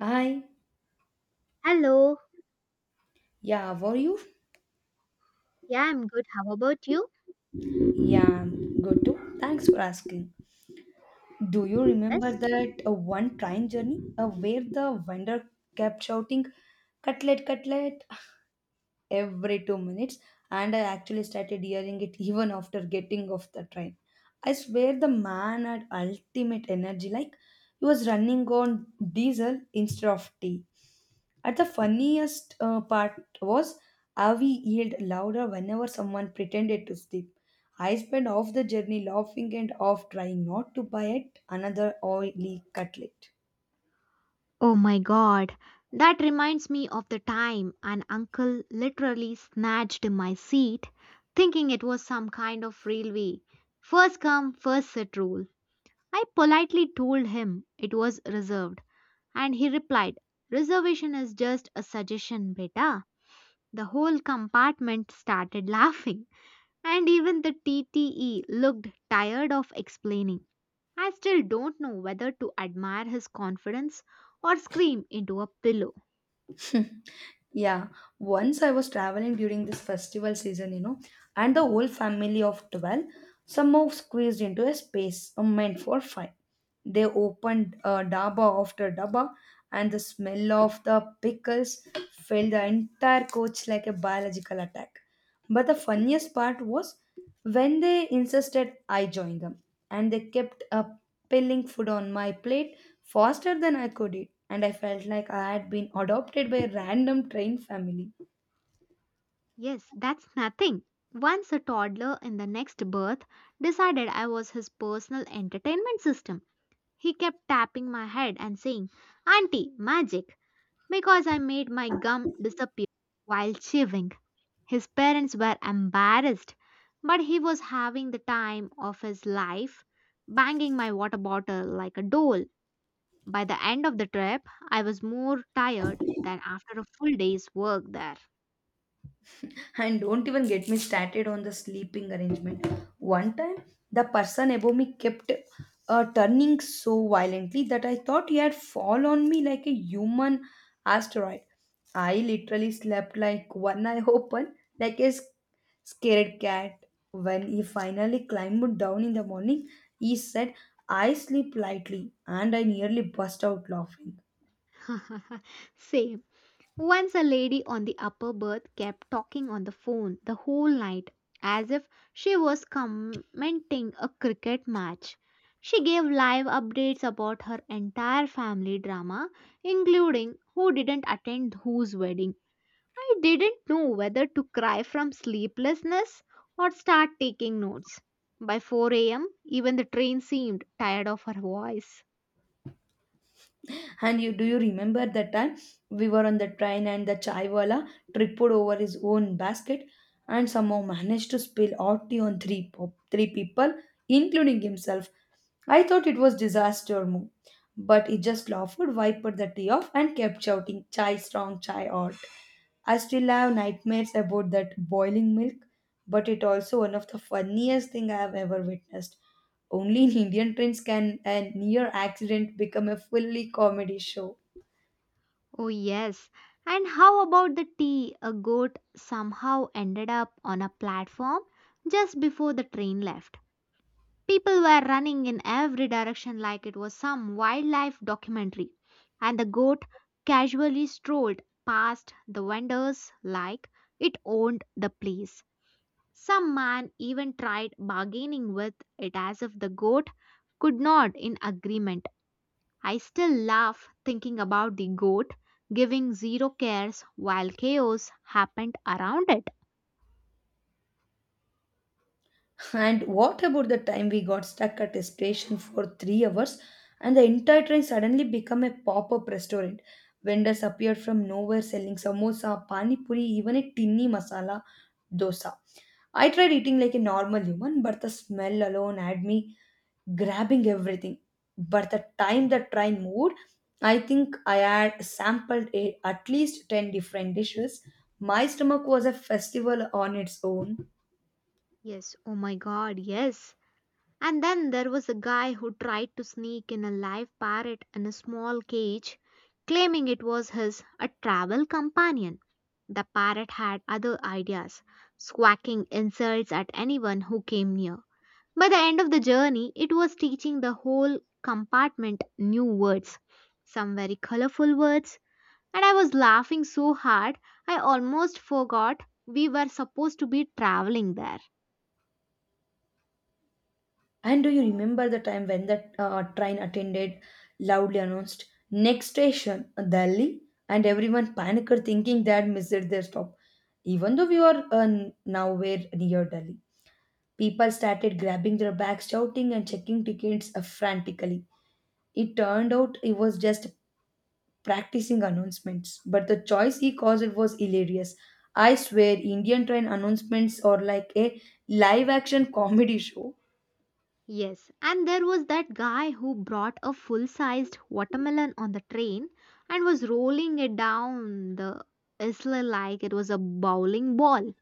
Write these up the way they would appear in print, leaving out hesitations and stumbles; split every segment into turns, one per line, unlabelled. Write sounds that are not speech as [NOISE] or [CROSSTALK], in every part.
Hi,
Hello.
yeah, how are you?
Yeah, I'm good. How about you?
Yeah, I'm good too. Thanks for asking. Do you remember
Yes.
that one train journey where the vendor kept shouting, cutlet, cutlet, every 2 minutes, and I actually started hearing it even after getting off the train? I swear the man had ultimate energy, like he was running on diesel instead of tea. At the funniest part was how he yelled louder whenever someone pretended to sleep. I spent half the journey laughing and half trying not to buy it another oily cutlet.
Oh my god, that reminds me of the time an uncle literally snatched my seat, thinking it was some kind of railway. First come, first sit rule. I politely told him it was reserved, and he replied, "Reservation is just a suggestion, beta." The whole compartment started [LAUGHS] laughing, and even the TTE looked tired of explaining. I still don't know whether to admire his confidence or scream into a pillow.
[LAUGHS] Yeah, once I was traveling during this festival season, you know, and the whole family of 12 somehow squeezed into a space meant for five. They opened daba after daba, and the smell of the pickles filled the entire coach like a biological attack. But the funniest part was when they insisted I join them, and they kept pilling food on my plate faster than I could eat, and I felt like I had been adopted by a random train family.
Yes, that's nothing. Once a toddler in the next birth decided I was his personal entertainment system. He kept tapping my head and saying, "Auntie, magic," because I made my gum disappear while chewing. His parents were embarrassed, but he was having the time of his life, banging my water bottle like a doll. By the end of the trip, I was more tired than after a full day's work there.
And don't even get me started on the sleeping arrangement. One time, the person above me kept turning so violently that I thought he had fallen on me like a human asteroid. I literally slept like one eye open, like a scared cat. When he finally climbed down in the morning, he said, I sleep lightly, and I nearly burst out laughing.
[LAUGHS] Same. Once a lady on the upper berth kept talking on the phone the whole night as if she was commenting a cricket match. She gave live updates about her entire family drama, including who didn't attend whose wedding. I didn't know whether to cry from sleeplessness or start taking notes. By 4 a.m., even the train seemed tired of her voice.
And you do you remember that time we were on the train and the chaiwala tripped over his own basket and somehow managed to spill hot tea on three people, including himself? I thought it was disaster move, but he just laughed, wiped the tea off, and kept shouting, "Chai strong, chai hot." I still have nightmares about that boiling milk, but it also one of the funniest thing I have ever witnessed. Only in Indian trains can a near accident become a fully comedy show.
Oh, yes. And how about the tea? A goat somehow ended up on a platform just before the train left. People were running in every direction like it was some wildlife documentary, and the goat casually strolled past the vendors like it owned the place. Some man even tried bargaining with it as if the goat could nod in agreement. I still laugh thinking about the goat giving zero cares while chaos happened around it.
And what about the time we got stuck at a station for 3 hours and the entire train suddenly became a pop up restaurant? Vendors appeared from nowhere selling samosa, pani puri, even a tinny masala dosa. I tried eating like a normal human, but the smell alone had me grabbing everything. But the time the train moved, I think I had sampled a, at least 10 different dishes. My stomach was a festival on its own.
Yes, oh my god, yes. And then there was a guy who tried to sneak in a live parrot in a small cage, claiming it was his a travel companion. The parrot had other ideas, squawking insults at anyone who came near. By the end of the journey, it was teaching the whole compartment new words, some very colorful words, and I was laughing so hard I almost forgot we were supposed to be traveling there.
And do you remember the time when the train attended loudly announced next station Delhi, and everyone panicked thinking they had missed their stop, even though we were nowhere near Delhi? People started grabbing their bags, shouting and checking tickets frantically. It turned out he was just practicing announcements, but the choice he caused was hilarious. I swear Indian train announcements are like a live action comedy show.
Yes, and there was that guy who brought a full sized watermelon on the train and was rolling it down the isla like it was a bowling ball.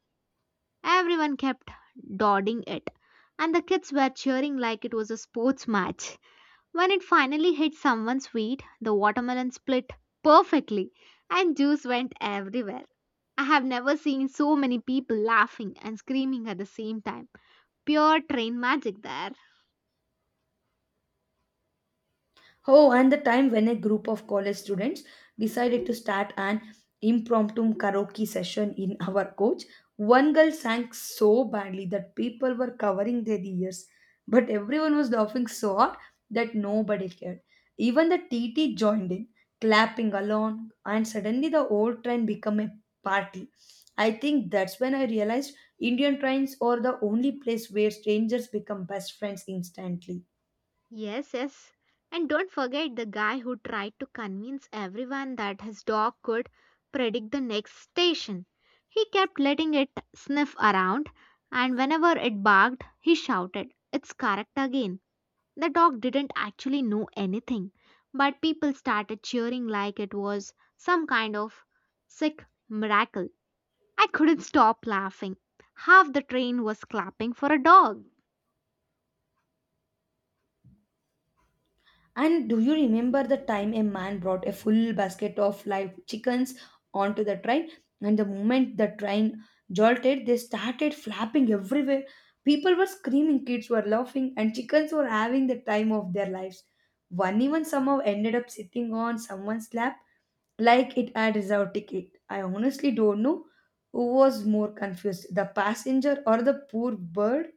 Everyone kept dodging it, and the kids were cheering like it was a sports match. When it finally hit someone's feet, the watermelon split perfectly and juice went everywhere. I have never seen so many people laughing and screaming at the same time. Pure train magic there.
Oh, and the time when a group of college students decided to start an impromptu karaoke session in our coach. One girl sang so badly that people were covering their ears, but everyone was laughing so hard that nobody cared. Even the TT joined in, clapping along, and suddenly the old train became a party. I think that's when I realized Indian trains are the only place where strangers become best friends instantly.
Yes, yes. And don't forget the guy who tried to convince everyone that his dog could predict the next station. He kept letting it sniff around, and whenever it barked, he shouted, "It's correct again." The dog didn't actually know anything, but people started cheering like it was some kind of sick miracle. I couldn't stop laughing. Half the train was clapping for a dog.
And do you remember the time a man brought a full basket of live chickens onto the train? And the moment the train jolted, they started flapping everywhere. People were screaming, kids were laughing, and chickens were having the time of their lives. One even somehow ended up sitting on someone's lap like it had reserved ticket. I honestly don't know who was more confused, the passenger or the poor bird.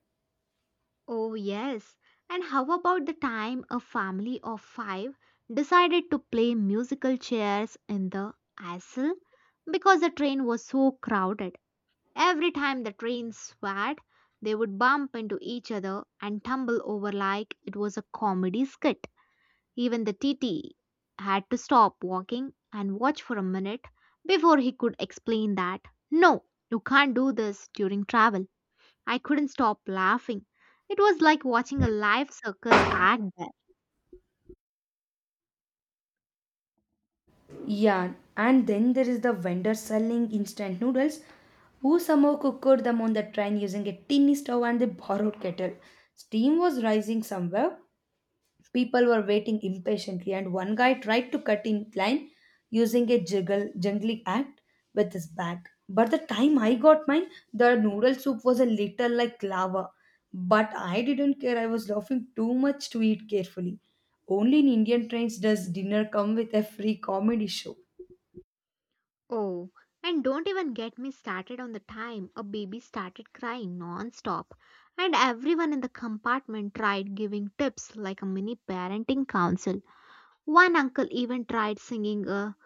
Oh, yes. And how about the time a family of five decided to play musical chairs in the aisle because the train was so crowded? Every time the trains swayed, they would bump into each other and tumble over like it was a comedy skit. Even the TT had to stop walking and watch for a minute before he could explain that, no, you can't do this during travel. I couldn't stop laughing. It was like watching a live circus act there.
Yeah, and then there is the vendor selling instant noodles who somehow cooked them on the train using a tiny stove and a borrowed kettle. Steam was rising somewhere. People were waiting impatiently, and one guy tried to cut in line using a juggle, jungling act with his bag. But the time I got mine, the noodle soup was a little like lava. But I didn't care, I was laughing too much to eat carefully. Only in Indian trains does dinner come with a free comedy show.
Oh, and don't even get me started on the time a baby started crying non-stop and everyone in the compartment tried giving tips like a mini parenting council. One uncle even tried singing a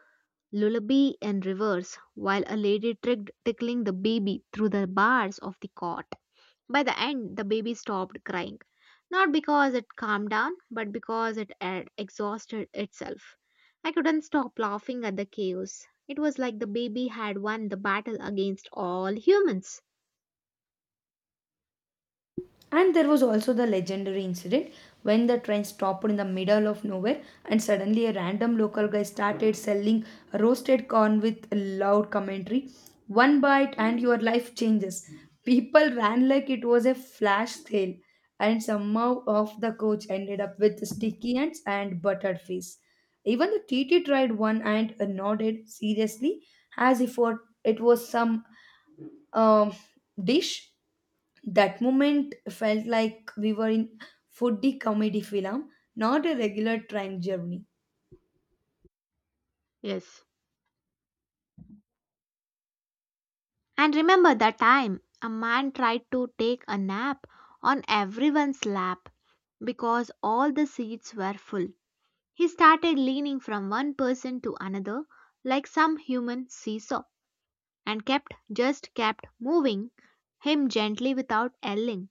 lullaby in reverse while a lady tricked tickling the baby through the bars of the cot. By the end, the baby stopped crying, not because it calmed down, but because it had exhausted itself. I couldn't stop laughing at the chaos. It was like the baby had won the battle against all humans.
And there was also the legendary incident when the train stopped in the middle of nowhere and suddenly a random local guy started selling roasted corn with loud commentary. One bite and your life changes. People ran like it was a flash sale, and somehow off the coach ended up with sticky ants and buttered fish. Even the TT tried one and nodded seriously as if it was some um, dish. That moment felt like we were in foodie comedy film, not a regular train journey.
Yes. And remember that time a man tried to take a nap on everyone's lap because all the seats were full. He started leaning from one person to another like some human seesaw, and kept just kept moving him gently without yelling.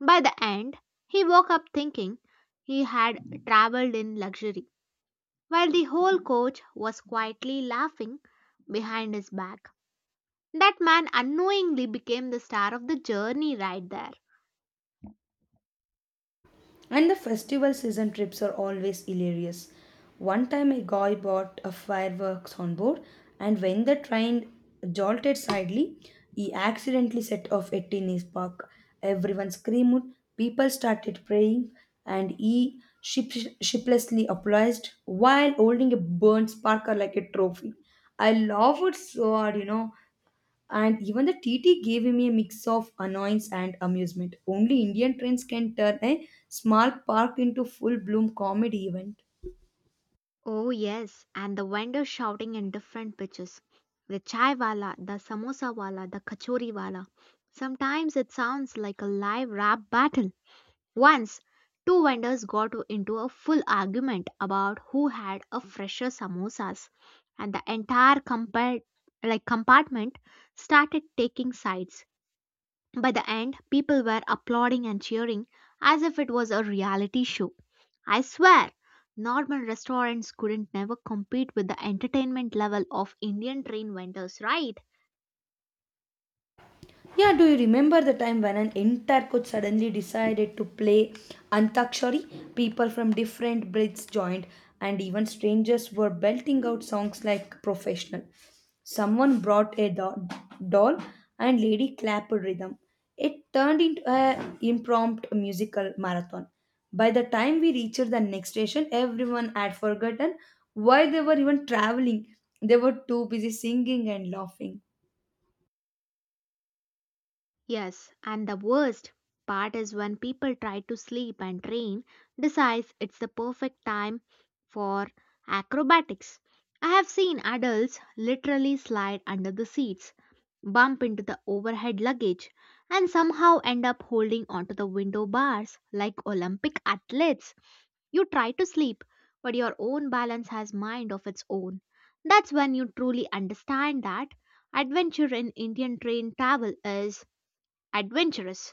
By the end, he woke up thinking he had traveled in luxury, while the whole coach was quietly laughing behind his back. That man unknowingly became the star of the journey right there.
And the festival season trips are always hilarious. One time a guy bought a fireworks on board, and when the train jolted slightly, he accidentally set off a tennis park. Everyone screamed, people started praying, and shiplessly applauded while holding a burnt sparkler like a trophy. I love it so hard, you know, and even the TT gave me a mix of annoyance and amusement. Only Indian trains can turn a small park into full bloom comedy event.
Oh, yes, and the vendors shouting in different pitches, the chai wala, the samosa wala, the kachori wala. Sometimes it sounds like a live rap battle. Once, two vendors got into a full argument about who had a fresher samosas, and the entire compartment started taking sides. By the end, people were applauding and cheering as if it was a reality show. I swear, normal restaurants couldn't never compete with the entertainment level of Indian train vendors, right?
Yeah, do you remember the time when an entire coach suddenly decided to play Antakshari? People from different breeds joined, and even strangers were belting out songs like professional. Someone brought a doll, and lady clapped rhythm. It turned into an impromptu musical marathon. By the time we reached the next station, everyone had forgotten why they were even traveling. They were too busy singing and laughing.
Yes, and the worst part is when people try to sleep and train decides it's the perfect time for acrobatics. I have seen adults literally slide under the seats, bump into the overhead luggage, and somehow end up holding onto the window bars like Olympic athletes. You try to sleep, but your own balance has mind of its own. That's when you truly understand that adventure in Indian train travel is adventurous.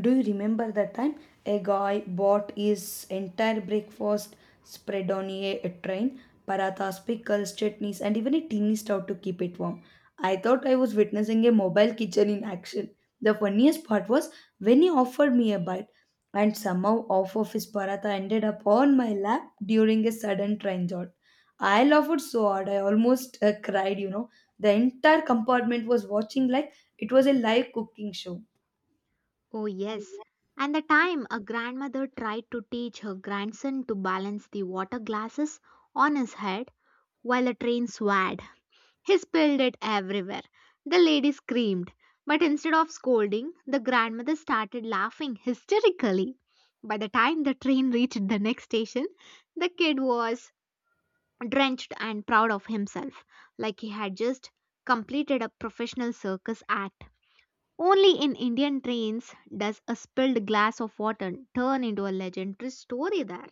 Do you remember that time a guy bought his entire breakfast spread on a train, parathas, pickles, chutneys, and even a teeny stout to keep it warm? I thought I was witnessing a mobile kitchen in action. The funniest part was when he offered me a bite, and somehow half of his paratha ended up on my lap during a sudden train jolt. I laughed so hard I almost cried, you know. The entire compartment was watching like it was a live cooking show.
Oh, yes. And the time a grandmother tried to teach her grandson to balance the water glasses on his head while a train swayed. He spilled it everywhere. The lady screamed, but instead of scolding, the grandmother started laughing hysterically. By the time the train reached the next station, the kid was drenched and proud of himself, like he had just completed a professional circus act. Only in Indian trains does a spilled glass of water turn into a legendary story there.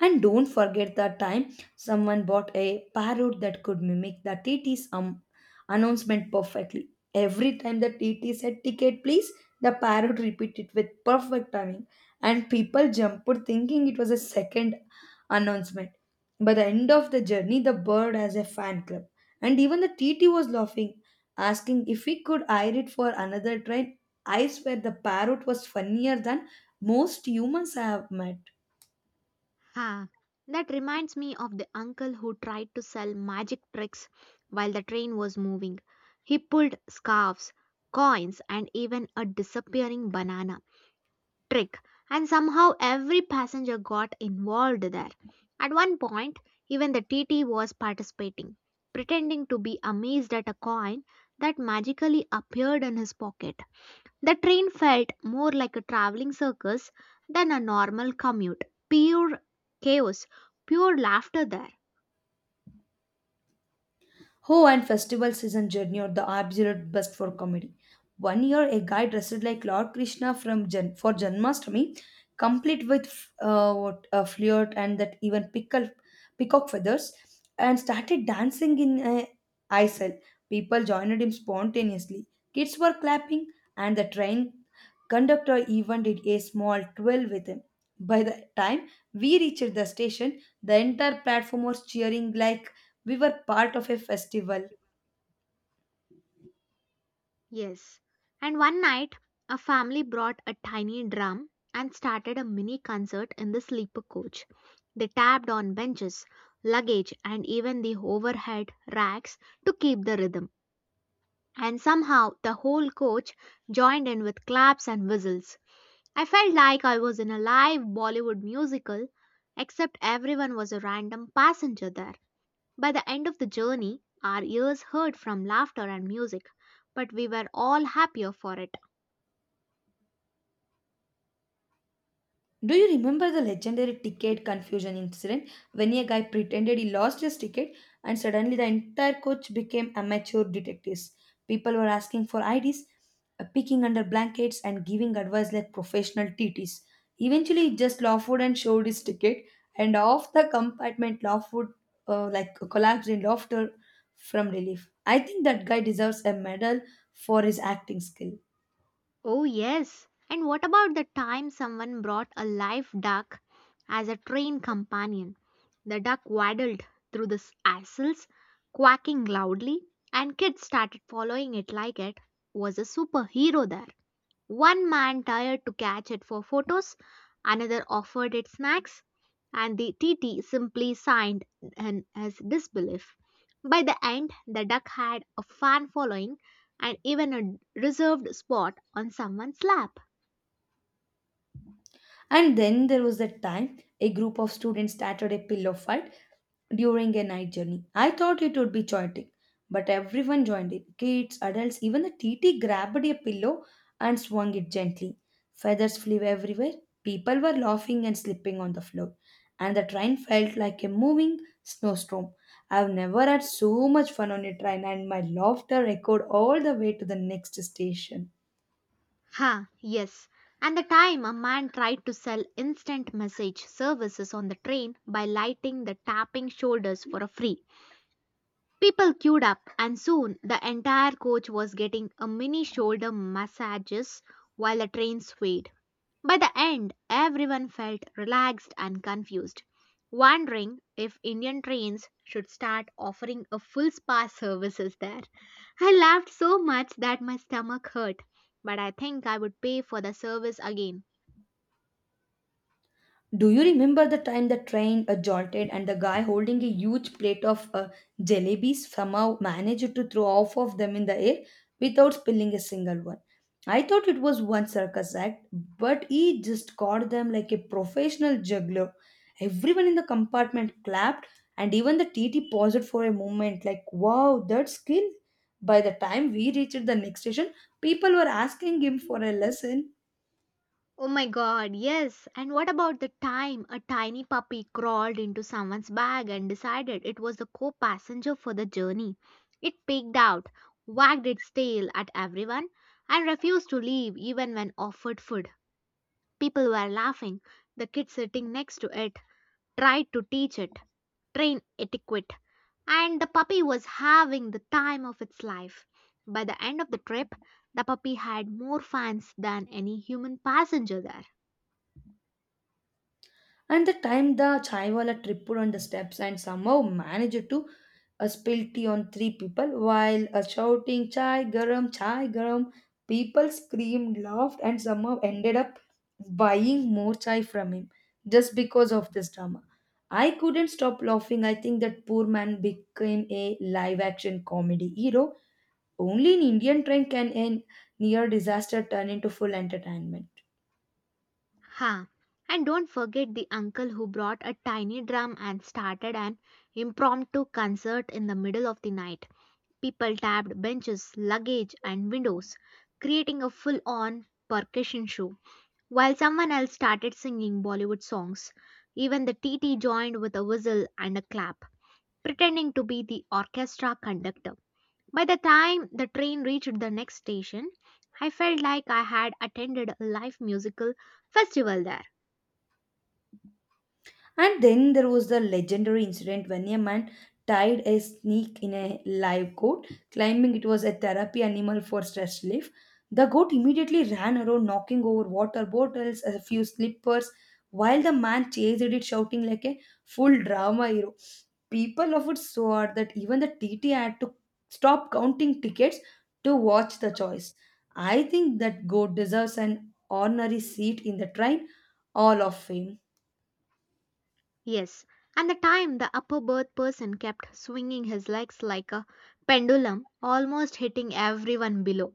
And don't forget that time someone bought a parrot that could mimic the TT's announcement perfectly. Every time the TT said ticket please, the parrot repeated with perfect timing, and people jumped thinking it was a second announcement. By the end of the journey, the bird has a fan club, and even the TT was laughing, asking if he could hire it for another train. I swear the parrot was funnier than most humans I have met.
Huh. That reminds me of the uncle who tried to sell magic tricks while the train was moving. He pulled scarves, coins, and even a disappearing banana trick, and somehow every passenger got involved there. At one point, even the TT was participating, pretending to be amazed at a coin that magically appeared in his pocket. The train felt more like a traveling circus than a normal commute. Pure chaos, pure laughter there.
Oh, and festival season journey are the absolute best for comedy. One year, a guy dressed like Lord Krishna from for Janmashtami, complete with what a flirt and that even pickle peacock feathers, and started dancing in a aisle. People joined him spontaneously. Kids were clapping, and the train conductor even did a small twirl with him. By the time we reached the station, the entire platform was cheering like we were part of a festival.
Yes. And one night, a family brought a tiny drum and started a mini concert in the sleeper coach. They tapped on benches, luggage, and even the overhead racks to keep the rhythm. And somehow the whole coach joined in with claps and whistles. I felt like I was in a live Bollywood musical, except everyone was a random passenger there. By the end of the journey, our ears heard from laughter and music, but we were all happier for it.
Do you remember the legendary ticket confusion incident when a guy pretended he lost his ticket and suddenly the entire coach became amateur detectives? People were asking for IDs, peeking under blankets, and giving advice like professional TTs. Eventually, he just Lawford and showed his ticket, and off the compartment Lawford like collapsed in laughter from relief. I think that guy deserves a medal for his acting skill.
Oh, yes. And what about the time someone brought a live duck as a train companion? The duck waddled through the aisles, quacking loudly, and kids started following it like it was a superhero there. One man tired to catch it for photos, another offered it snacks, and the TT simply signed in his disbelief. By the end, the duck had a fan following and even a reserved spot on someone's lap.
And then there was that time a group of students started a pillow fight during a night journey. I thought it would be chaotic, but everyone joined in kids, adults, even the TT grabbed a pillow and swung it gently. Feathers flew everywhere. People were laughing and slipping on the floor, and the train felt like a moving snowstorm. I've never had so much fun on a train, and my laughter echoed all the way to the next station.
Ha, yes. And the time a man tried to sell instant message services on the train by lighting the tapping shoulders for a free. People queued up, and soon the entire coach was getting a mini shoulder massages while the train swayed. By the end, everyone felt relaxed and confused, wondering if Indian trains should start offering a full spa services there. I laughed so much that my stomach hurt, but I think I would pay for the service again.
Do you remember the time the train jolted and the guy holding a huge plate of jalebis somehow managed to throw off of them in the air without spilling a single one? I thought it was one circus act, but he just caught them like a professional juggler. Everyone in the compartment clapped, and even the TT paused for a moment, like, wow, that skill. By the time we reached the next station, people were asking him for a lesson.
Oh my god, yes. And what about the time a tiny puppy crawled into someone's bag and decided it was the co passenger for the journey? It peeked out, wagged its tail at everyone, and refused to leave even when offered food. People were laughing. The kid sitting next to it tried to teach it train etiquette, and the puppy was having the time of its life. By the end of the trip, the puppy had more fans than any human passenger there.
And the time the chaiwala tripped on the steps and somehow managed to spill tea on three people while shouting chai garam, chai garam. People screamed, laughed, and somehow ended up buying more chai from him just because of this drama. I couldn't stop laughing. I think that poor man became a live action comedy hero. Only in Indian train can a near disaster turn into full entertainment.
Ha! And don't forget the uncle who brought a tiny drum and started an impromptu concert in the middle of the night. People tapped benches, luggage, and windows, creating a full on percussion show, while someone else started singing Bollywood songs. Even the TT joined with a whistle and a clap, pretending to be the orchestra conductor. By the time the train reached the next station, I felt like I had attended a live musical festival there.
And then there was the legendary incident when a man tied a snake in a live goat, claiming it was a therapy animal for stress relief. The goat immediately ran around, knocking over water bottles, a few slippers, while the man chased it, shouting like a full drama hero. People of it so hard that even the TT had to stop counting tickets to watch the choice. I think that goat deserves an honorary seat in the train hall of fame.
Yes, and the time the upper berth person kept swinging his legs like a pendulum, almost hitting everyone below.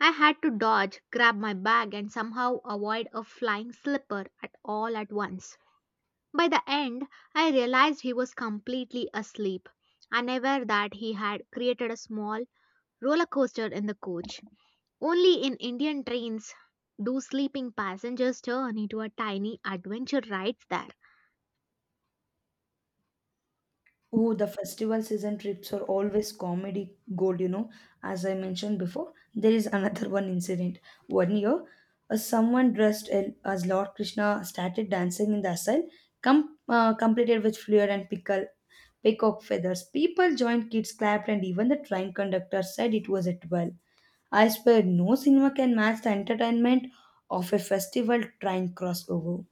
I had to dodge, grab my bag, and somehow avoid a flying slipper at all at once. By the end, I realized he was completely asleep, unaware that he had created a small roller coaster in the coach. Only in Indian trains do sleeping passengers turn into a tiny adventure rides there.
Oh, the festival season trips are always comedy gold, you know. As I mentioned before, there is another [LAUGHS] one incident. 1 year, someone as Lord Krishna started dancing in the asylum, completed with flair and pickle, peacock feathers. People joined, kids clapped, and even the train conductor said it was at well. I swear, no cinema can match the entertainment of a festival train crossover.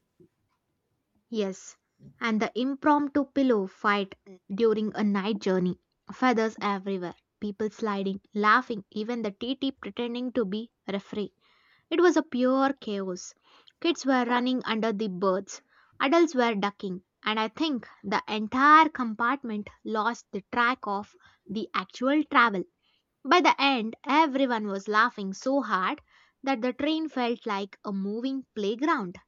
Yes, and the impromptu pillow fight during a night journey. Feathers everywhere, people sliding, laughing, even the TT pretending to be referee. It was a pure chaos. Kids were running under the birds, adults were ducking, and I think the entire compartment lost the track of the actual travel. By the end, everyone was laughing so hard that the train felt like a moving playground.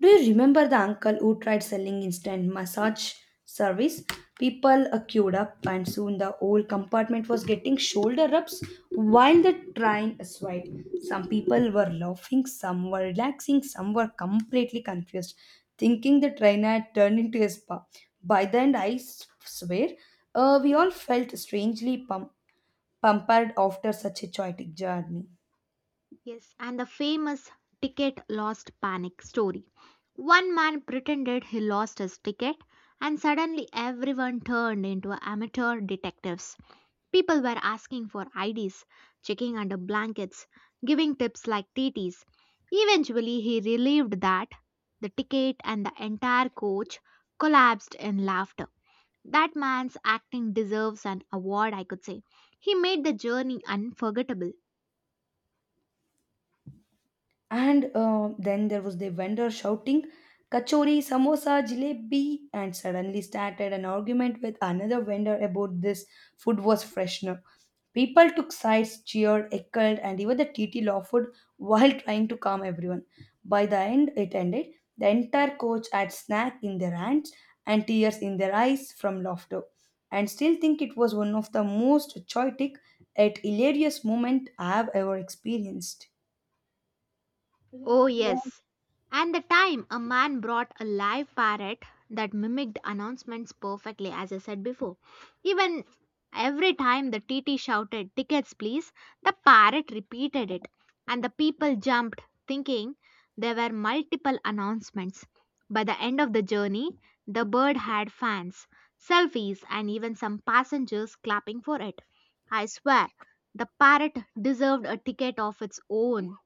Do you remember the uncle who tried selling instant massage service? People queued up, and soon the whole compartment was getting shoulder rubs while the train swayed. Some people were laughing, some were relaxing, some were completely confused, thinking the train had turned into a spa. By the end, we all felt strangely pampered after such a chaotic journey.
Yes, and the famous ticket lost panic story. One man pretended he lost his ticket, and suddenly everyone turned into amateur detectives. People were asking for IDs, checking under blankets, giving tips like TTs. Eventually, he relieved that the ticket and the entire coach collapsed in laughter. That man's acting deserves an award, I could say. He made the journey unforgettable.
And Then there was the vendor shouting, Kachori, samosa, jalebi, and suddenly started an argument with another vendor about this food was freshener. People took sides, cheered, heckled, and even the TT laughed [LAUGHS] while trying to calm everyone. By the end, it ended. The entire coach had snack in their hands and tears in their eyes from laughter, and still think it was one of the most chaotic yet hilarious moment I have ever experienced.
Oh, yes. And the time a man brought a live parrot that mimicked announcements perfectly, as I said before. Even every time the TT shouted, Tickets, please, the parrot repeated it, and the people jumped, thinking there were multiple announcements. By the end of the journey, the bird had fans, selfies, and even some passengers clapping for it. I swear, the parrot deserved a ticket of its own.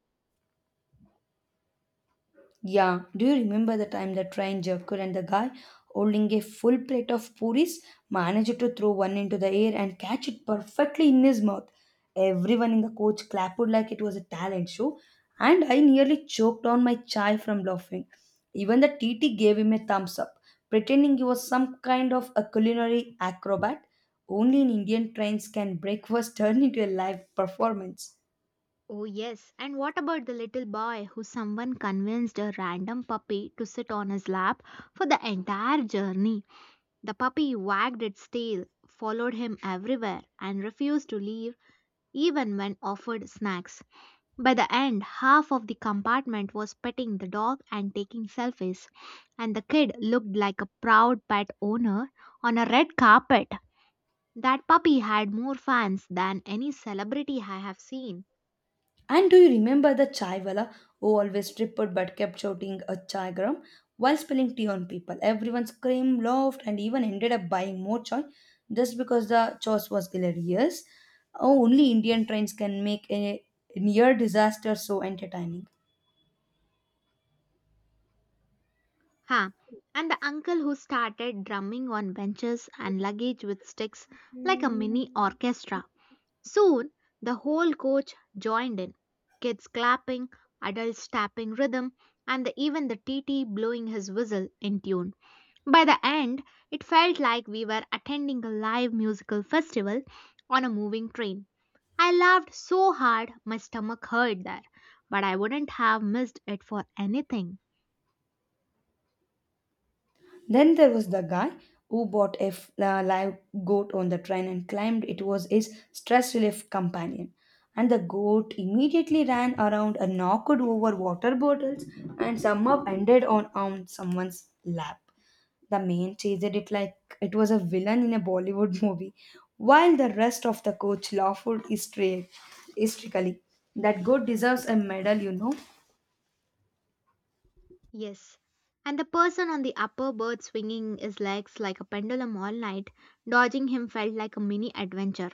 Yeah, do you remember the time the train joker and the guy holding a full plate of puris managed to throw one into the air and catch it perfectly in his mouth? Everyone in the coach clapped like it was a talent show, and I nearly choked on my chai from laughing. Even the TT gave him a thumbs up, pretending he was some kind of a culinary acrobat. Only in Indian trains can breakfast [LAUGHS] turn into a live performance.
Oh, yes. And what about the little boy who someone convinced a random puppy to sit on his lap for the entire journey? The puppy wagged its tail, followed him everywhere, and refused to leave even when offered snacks. By the end, half of the compartment was petting the dog and taking selfies, and the kid looked like a proud pet owner on a red carpet. That puppy had more fans than any celebrity I have seen.
And do you remember the chai wala who always tripped but kept shouting a chai gram while spilling tea on people? Everyone screamed, laughed, and even ended up buying more chai just because the choice was hilarious. Oh, only Indian trains can make a near disaster so entertaining.
Huh. And the uncle who started drumming on benches and luggage with sticks like a mini orchestra. Soon, the whole coach joined in kids clapping, adults tapping rhythm, even the TT blowing his whistle in tune. By the end, it felt like we were attending a live musical festival on a moving train. I laughed so hard my stomach hurt there, but I wouldn't have missed it for anything.
Then there was the guy who bought a live goat on the train and claimed it was his stress relief companion. And the goat immediately ran around and knocked over water bottles and somehow ended on someone's lap. The man chased it like it was a villain in a Bollywood movie, while the rest of the coach laughed hysterically. That goat deserves a medal, you know.
Yes. And the person on the upper berth swinging his legs like a pendulum all night, dodging him felt like a mini adventure.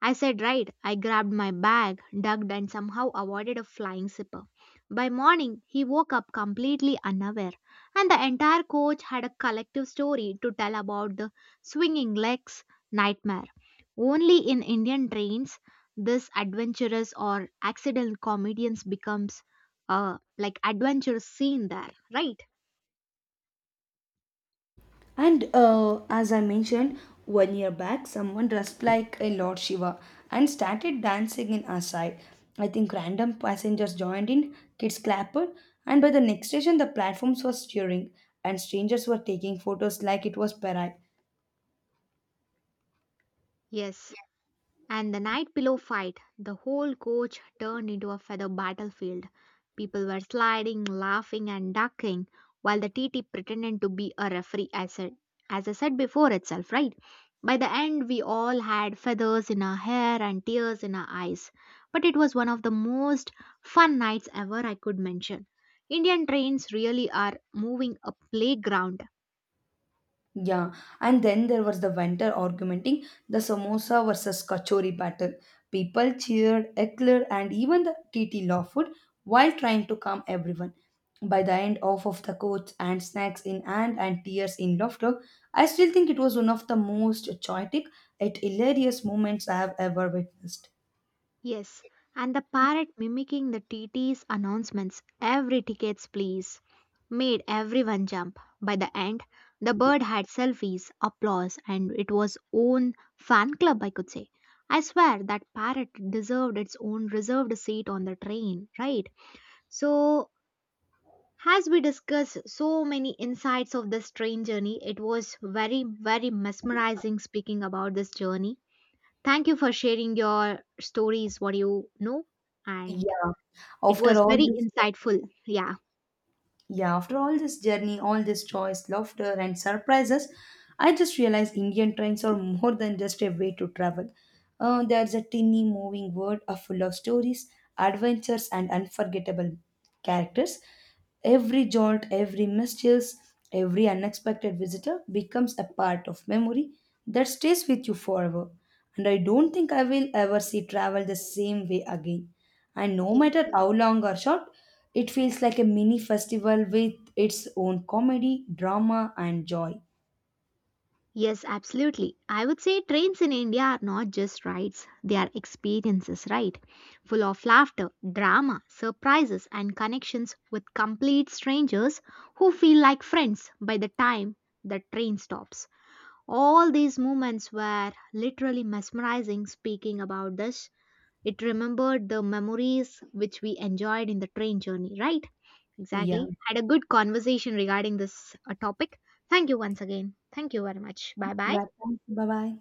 I said right. I grabbed my bag, ducked, and somehow avoided a flying zipper. By morning, he woke up completely unaware, and the entire coach had a collective story to tell about the swinging legs nightmare. Only in Indian trains, this adventurous or accidental comedians becomes a like adventure scene there, right?
And As I mentioned, 1 year back, someone dressed like a Lord Shiva and started dancing in our side. I think random passengers joined in, kids clapped, and by the next station, the platforms were cheering, and strangers were taking photos like it was parade.
Yes. And the night pillow fight, the whole coach turned into a feather battlefield. People were sliding, laughing, and ducking while the TT pretended to be a referee, as I said before itself, right? By the end, we all had feathers in our hair and tears in our eyes. But it was one of the most fun nights ever I could mention. Indian trains really are moving a playground.
Yeah, and then there was the vendor argumenting the samosa versus kachori battle. People cheered, eclair, and even the TT law food while trying to calm everyone. By the end, off of the coats and snacks in hand and tears in laughter, I still think it was one of the most chaotic yet hilarious moments I have ever witnessed.
Yes, and the parrot mimicking the TT's announcements, every tickets please, made everyone jump. By the end, the bird had selfies, applause, and it was own fan club, I could say. I swear that parrot deserved its own reserved seat on the train, right? So, as we discussed so many insights of this train journey, it was very, very mesmerizing speaking about this journey. Thank you for sharing your stories, what you know, and
Yeah,
it
after
was
all
very
this.
insightful. Yeah.
Yeah, after all this journey, all this choice, laughter, and surprises, I just realized Indian trains are more than just a way to travel. There's a tiny moving world of full of stories, adventures, and unforgettable characters. Every jolt, every mischief, every unexpected visitor becomes a part of memory that stays with you forever. And I don't think I will ever see travel the same way again. And no
Yes.
matter how long or short, it feels like a mini festival with its own comedy, drama, and joy.
Yes, absolutely. I would say trains in India are not just rides, they are experiences, right? Full of laughter, drama, surprises, and connections with complete strangers who feel like friends by the time the train stops. All these moments were literally mesmerizing speaking about this. It remembered the memories which we enjoyed in the train journey, right?
Yeah.
Exactly. Had a good conversation regarding this topic. Thank you once again. Thank you very much. Bye bye.
Yeah. Thank you. Bye bye.